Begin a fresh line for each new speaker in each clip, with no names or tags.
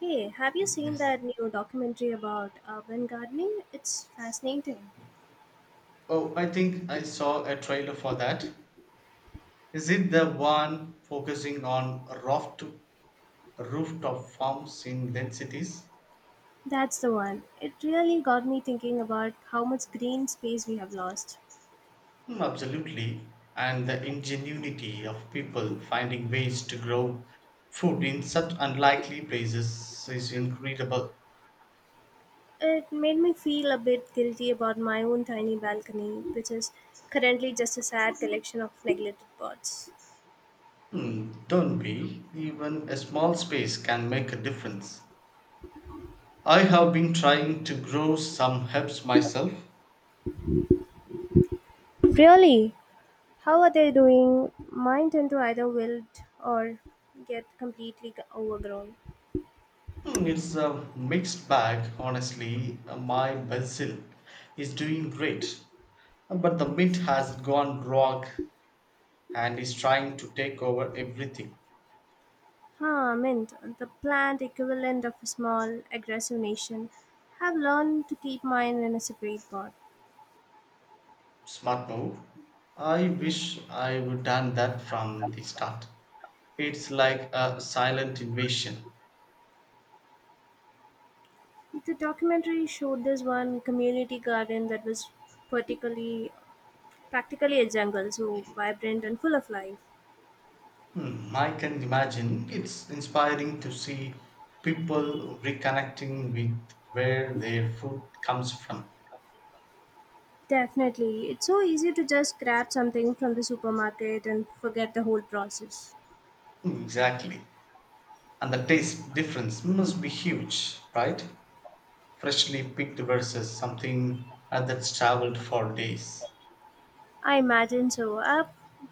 Hey, have you seen
Yes.
that new documentary about urban gardening? It's fascinating.
Oh, I think I saw a trailer for that. Is it the one focusing on rough to rooftop farms in dense cities?
That's the one. It really got me thinking about how much green space we have lost.
Absolutely. And the ingenuity of people finding ways to grow food in such unlikely places is incredible.
It made me feel a bit guilty about my own tiny balcony, which is currently just a sad collection of neglected pots.
Don't be. Even a small space can make a difference. I have been trying to grow some herbs myself.
Really? How are they doing? Mine tend to either wilt or get completely overgrown.
It's a mixed bag, honestly. My basil is doing great, but the mint has gone rogue and is trying to take over everything.
Ah, mint, the plant equivalent of a small, aggressive nation, have learned to keep mine in a separate pot.
Smart move. I wish I would done that from the start. It's like a silent invasion.
The documentary showed this one community garden that was particularly, practically a jungle, so vibrant and full of life.
I can imagine it's inspiring to see people reconnecting with where their food comes from.
Definitely, it's so easy to just grab something from the supermarket and forget the whole process.
Hmm, exactly. And the taste difference must be huge, right? Freshly picked versus something that's traveled for days.
I imagine so. I've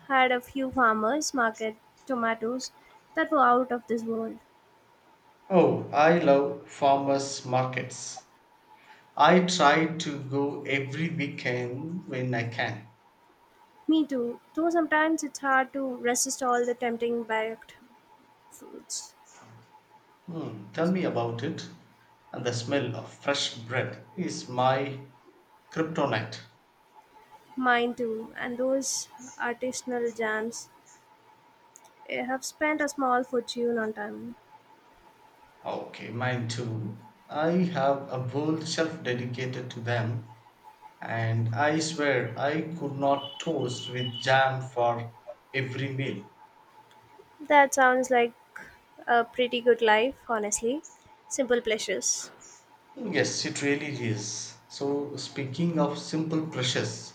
had a few farmers market tomatoes that were out of this world.
Oh, I love farmers markets. I try to go every weekend when I can.
Me too. Though sometimes it's hard to resist all the tempting baked foods.
Hmm, tell me about it. And the smell of fresh bread is my kryptonite.
Mine too. And those artisanal jams. I have spent a small fortune on time.
Okay, mine too. I have a whole shelf dedicated to them, and I swear I could not toast with jam for every meal.
That sounds like a pretty good life, honestly. Simple pleasures.
Yes, it really is. So, speaking of simple precious,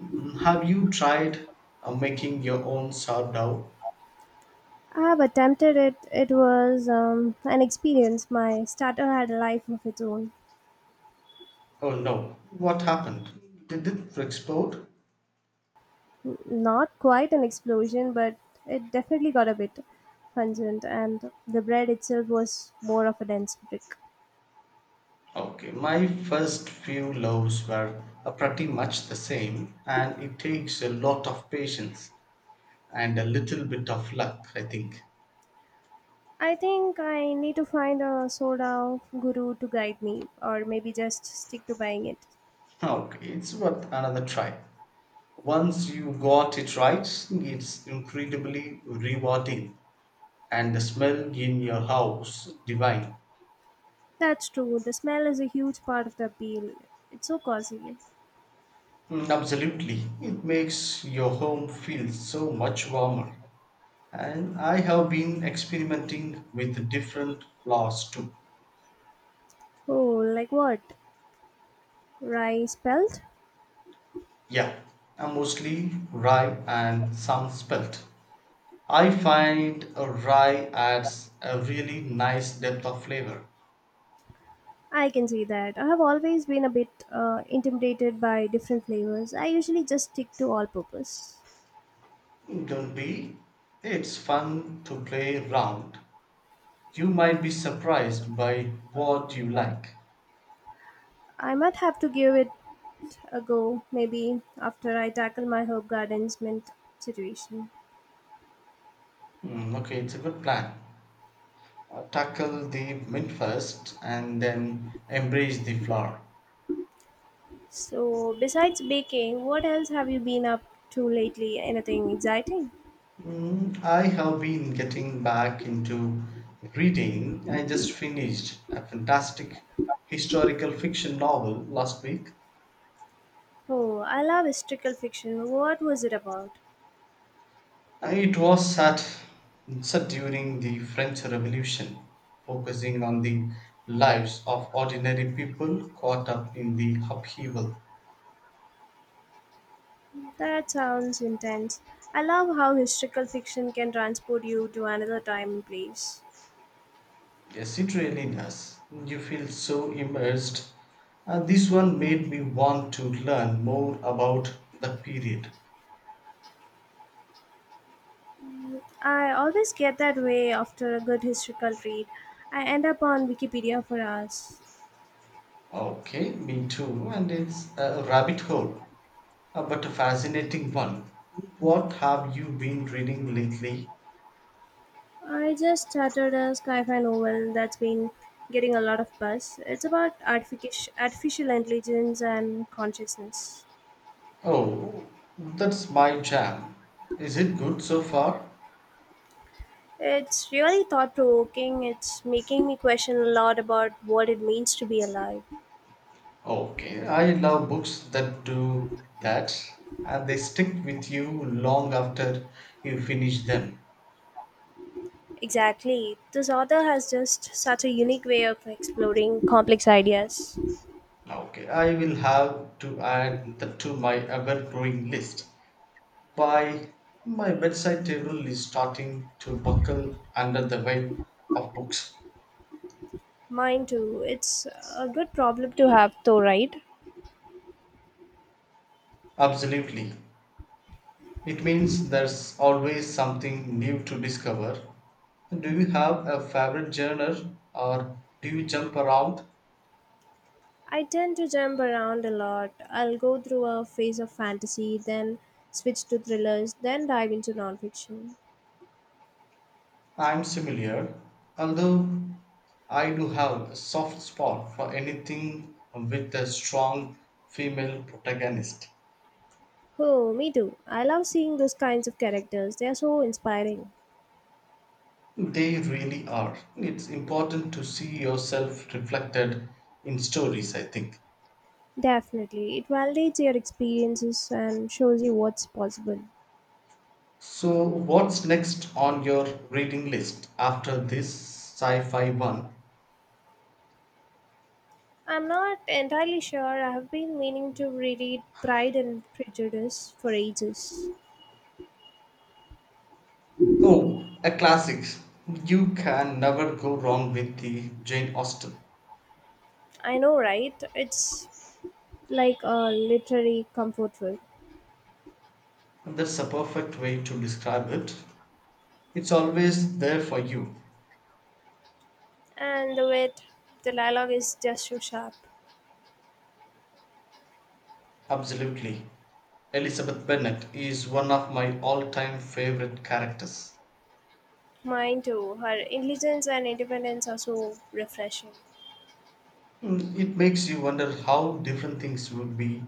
have you tried making your own sourdough?
I have attempted it. It was an experience. My starter had a life of its own.
Oh no, what happened? Did it explode?
Not quite an explosion, but it definitely got a bit pungent, and the bread itself was more of a dense brick.
Okay, my first few loaves were pretty much the same, and it takes a lot of patience and a little bit of luck, I think.
I think I need to find a soda guru to guide me, or maybe just stick to buying it.
Okay, it's worth another try. Once you got it right, it's incredibly rewarding, and the smell in your house divine.
That's true, the smell is a huge part of the appeal. It's so cozy.
Mm, absolutely, it makes your home feel so much warmer. And I have been experimenting with different flours too.
Oh, like what? Rice pelt?
Yeah, mostly rye and some spelt. I find a rye adds a really nice depth of flavor.
I can see that. I have always been a bit intimidated by different flavors. I usually just stick to all purpose.
Don't be. It's fun to play around. You might be surprised by what you like.
I might have to give it ago, maybe after I tackle my herb gardens mint situation.
Hmm, okay, it's a good plan. Tackle the mint first and then embrace the flower.
So, besides baking, what else have you been up to lately? Anything exciting?
I have been getting back into reading. I just finished a fantastic historical fiction novel last week.
Oh, I love historical fiction. What was it about?
It was set during the French Revolution, focusing on the lives of ordinary people caught up in the upheaval.
That sounds intense. I love how historical fiction can transport you to another time and place.
Yes, it really does. You feel so immersed. This one made me want to learn more about the period.
I always get that way after a good historical read. I end up on Wikipedia for hours.
Okay, me too. And it's a rabbit hole, but a fascinating one. What have you been reading lately?
I just started a sci-fi novel that's been getting a lot of buzz. It's about artificial intelligence and consciousness.
Oh, that's my jam. Is it good so far?
It's really thought-provoking. It's making me question a lot about what it means to be alive.
Okay, I love books that do that, and they stick with you long after you finish them.
Exactly. This author has just such a unique way of exploring complex ideas.
Okay, I will have to add that to my ever growing list. By my bedside table is starting to buckle under the weight of books.
Mine too. It's a good problem to have though, right?
Absolutely. It means there's always something new to discover. Do you have a favorite genre or do you jump around?
I tend to jump around a lot. I'll go through a phase of fantasy, then switch to thrillers, then dive into nonfiction.
I'm similar, although I do have a soft spot for anything with a strong female protagonist.
Oh, me too. I love seeing those kinds of characters. They are so inspiring.
They really are. It's important to see yourself reflected in stories, I think.
Definitely. It validates your experiences and shows you what's possible.
So, what's next on your reading list after this sci fi one?
I'm not entirely sure. I have been meaning to reread Pride and Prejudice for ages.
Oh, a classics. You can never go wrong with the Jane Austen.
I know, right? It's like a literary comfort food.
That's a perfect way to describe it. It's always there for you.
And the way it- The dialogue is just so sharp.
Absolutely. Elizabeth Bennet is one of my all-time favorite characters.
Mine too. Her intelligence and independence are so refreshing.
Mm, it makes you wonder how different things would be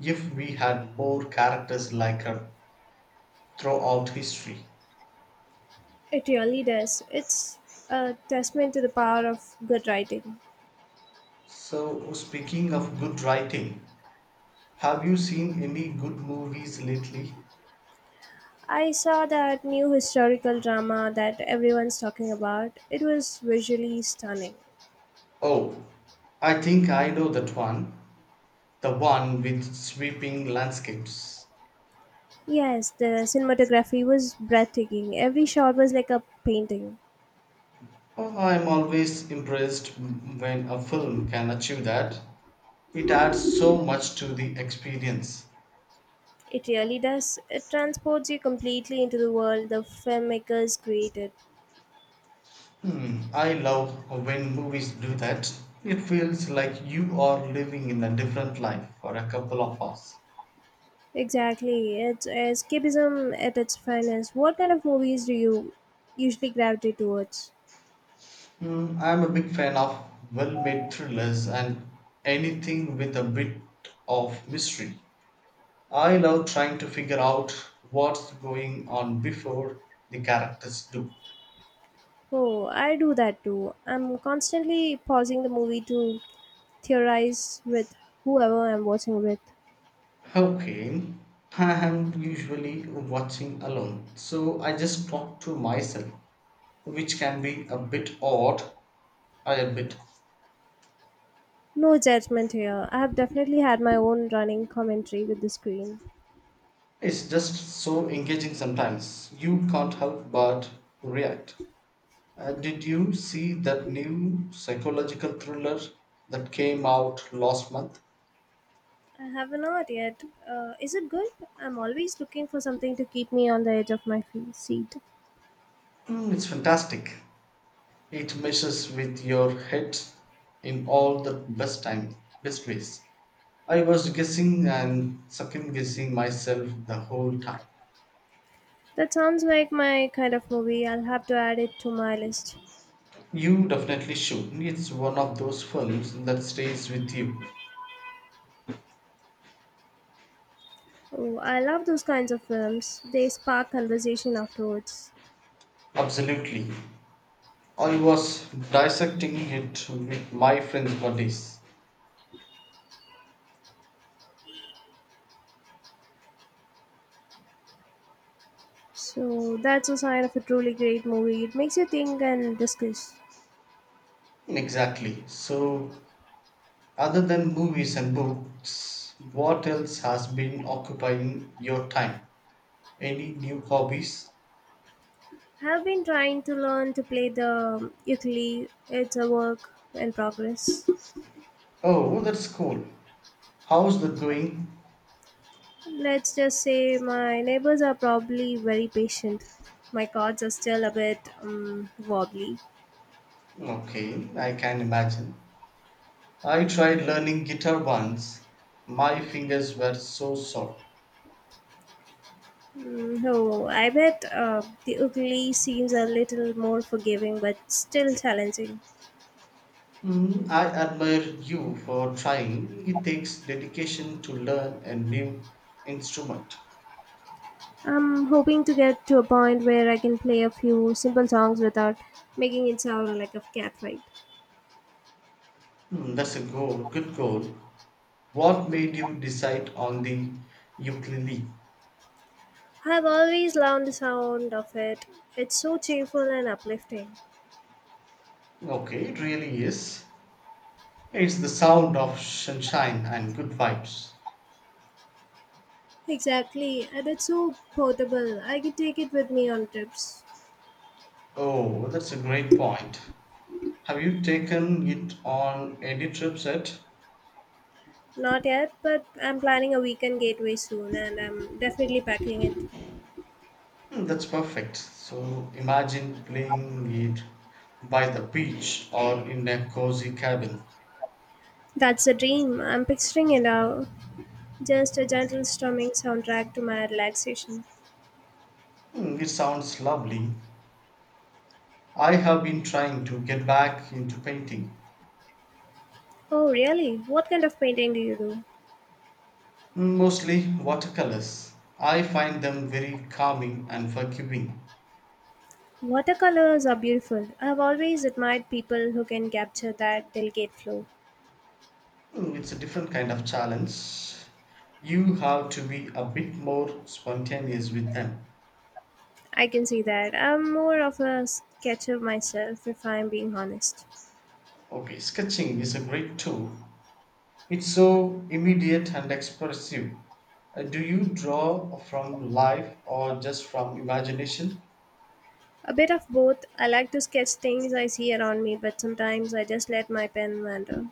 if we had more characters like her throughout history.
It really does. It's a testament to the power of good writing.
So, speaking of good writing, have you seen any good movies lately?
I saw that new historical drama that everyone's talking about. It was visually stunning.
Oh, I think I know that one. The one with sweeping landscapes.
Yes, the cinematography was breathtaking. Every shot was like a painting.
Oh, I'm always impressed when a film can achieve that. It adds so much to the experience.
It really does. It transports you completely into the world the filmmakers created.
Hmm, I love when movies do that. It feels like you are living in a different life for a couple of hours.
Exactly. It's escapism at its finest. What kind of movies do you usually gravitate towards?
I'm a big fan of well made thrillers and anything with a bit of mystery. I love trying to figure out what's going on before the characters do.
Oh, I do that too. I'm constantly pausing the movie to theorize with whoever I'm watching with.
Okay, I am usually watching alone, so I just talk to myself, which can be a bit odd, I admit.
No judgment here. I have definitely had my own running commentary with the screen.
It's just so engaging sometimes, you can't help but react. Did you see that new psychological thriller that came out last month?
I have not yet. Is it good? I'm always looking for something to keep me on the edge of my seat.
Mm, it's fantastic. It messes with your head in all the best ways. I was guessing and second guessing myself the whole time.
That sounds like my kind of movie. I'll have to add it to my list.
You definitely should. It's one of those films that stays with you.
Oh, I love those kinds of films. They spark conversation afterwards.
Absolutely. I was dissecting it with my friends for days.
So that's a sign of a truly great movie. It makes you think and discuss.
Exactly. So, other than movies and books, what else has been occupying your time? Any new hobbies?
I've been trying to learn to play the ukulele. It's a work in progress.
Oh, that's cool. How's that going?
Let's just say my neighbors are probably very patient. My chords are still a bit wobbly.
Okay, I can imagine. I tried learning guitar once. My fingers were so sore.
Mm, oh, I bet the ukulele seems a little more forgiving, but still challenging.
Mm, I admire you for trying. It takes dedication to learn a new instrument.
I'm hoping to get to a point where I can play a few simple songs without making it sound like a catfight.
Mm, good goal. What made you decide on the ukulele?
I've always loved the sound of it. It's so cheerful and uplifting.
Okay, it really is. It's the sound of sunshine and good vibes.
Exactly, and it's so portable. I could take it with me on trips.
Oh, that's a great point. Have you taken it on any trip set?
Not yet, but I'm planning a weekend getaway soon and I'm definitely packing it.
Hmm, that's perfect. So imagine playing it by the beach or in a cozy cabin.
That's a dream. I'm picturing it now. Just a gentle strumming soundtrack to my relaxation.
Hmm, it sounds lovely. I have been trying to get back into painting.
Oh, really? What kind of painting do you do?
Mostly watercolors. I find them very calming and forgiving.
Watercolors are beautiful. I've always admired people who can capture that delicate flow.
It's a different kind of challenge. You have to be a bit more spontaneous with them.
I can see that. I'm more of a sketcher myself, if I'm being honest.
Okay, sketching is a great tool. It's so immediate and expressive. Do you draw from life or just from imagination?
A bit of both. I like to sketch things I see around me, but sometimes I just let my pen wander.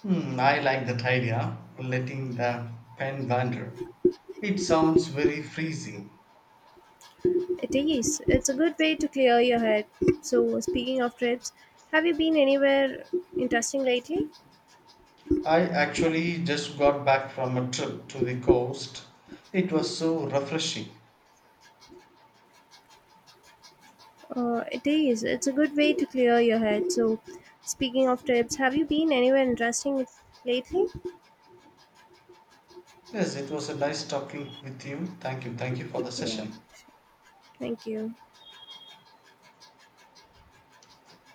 Hmm, I like that idea, letting the pen wander. It sounds very freezing.
It is. It's a good way to clear your head. So, speaking of trips, have you been anywhere interesting lately?
I actually just got back from a trip to the coast. It was so refreshing.
It is. It's a good way to clear your head. So, speaking of trips, have you been anywhere interesting lately?
Yes, it was a nice talking with you. Thank you. Thank you for the
Yeah.
session.
Thank you.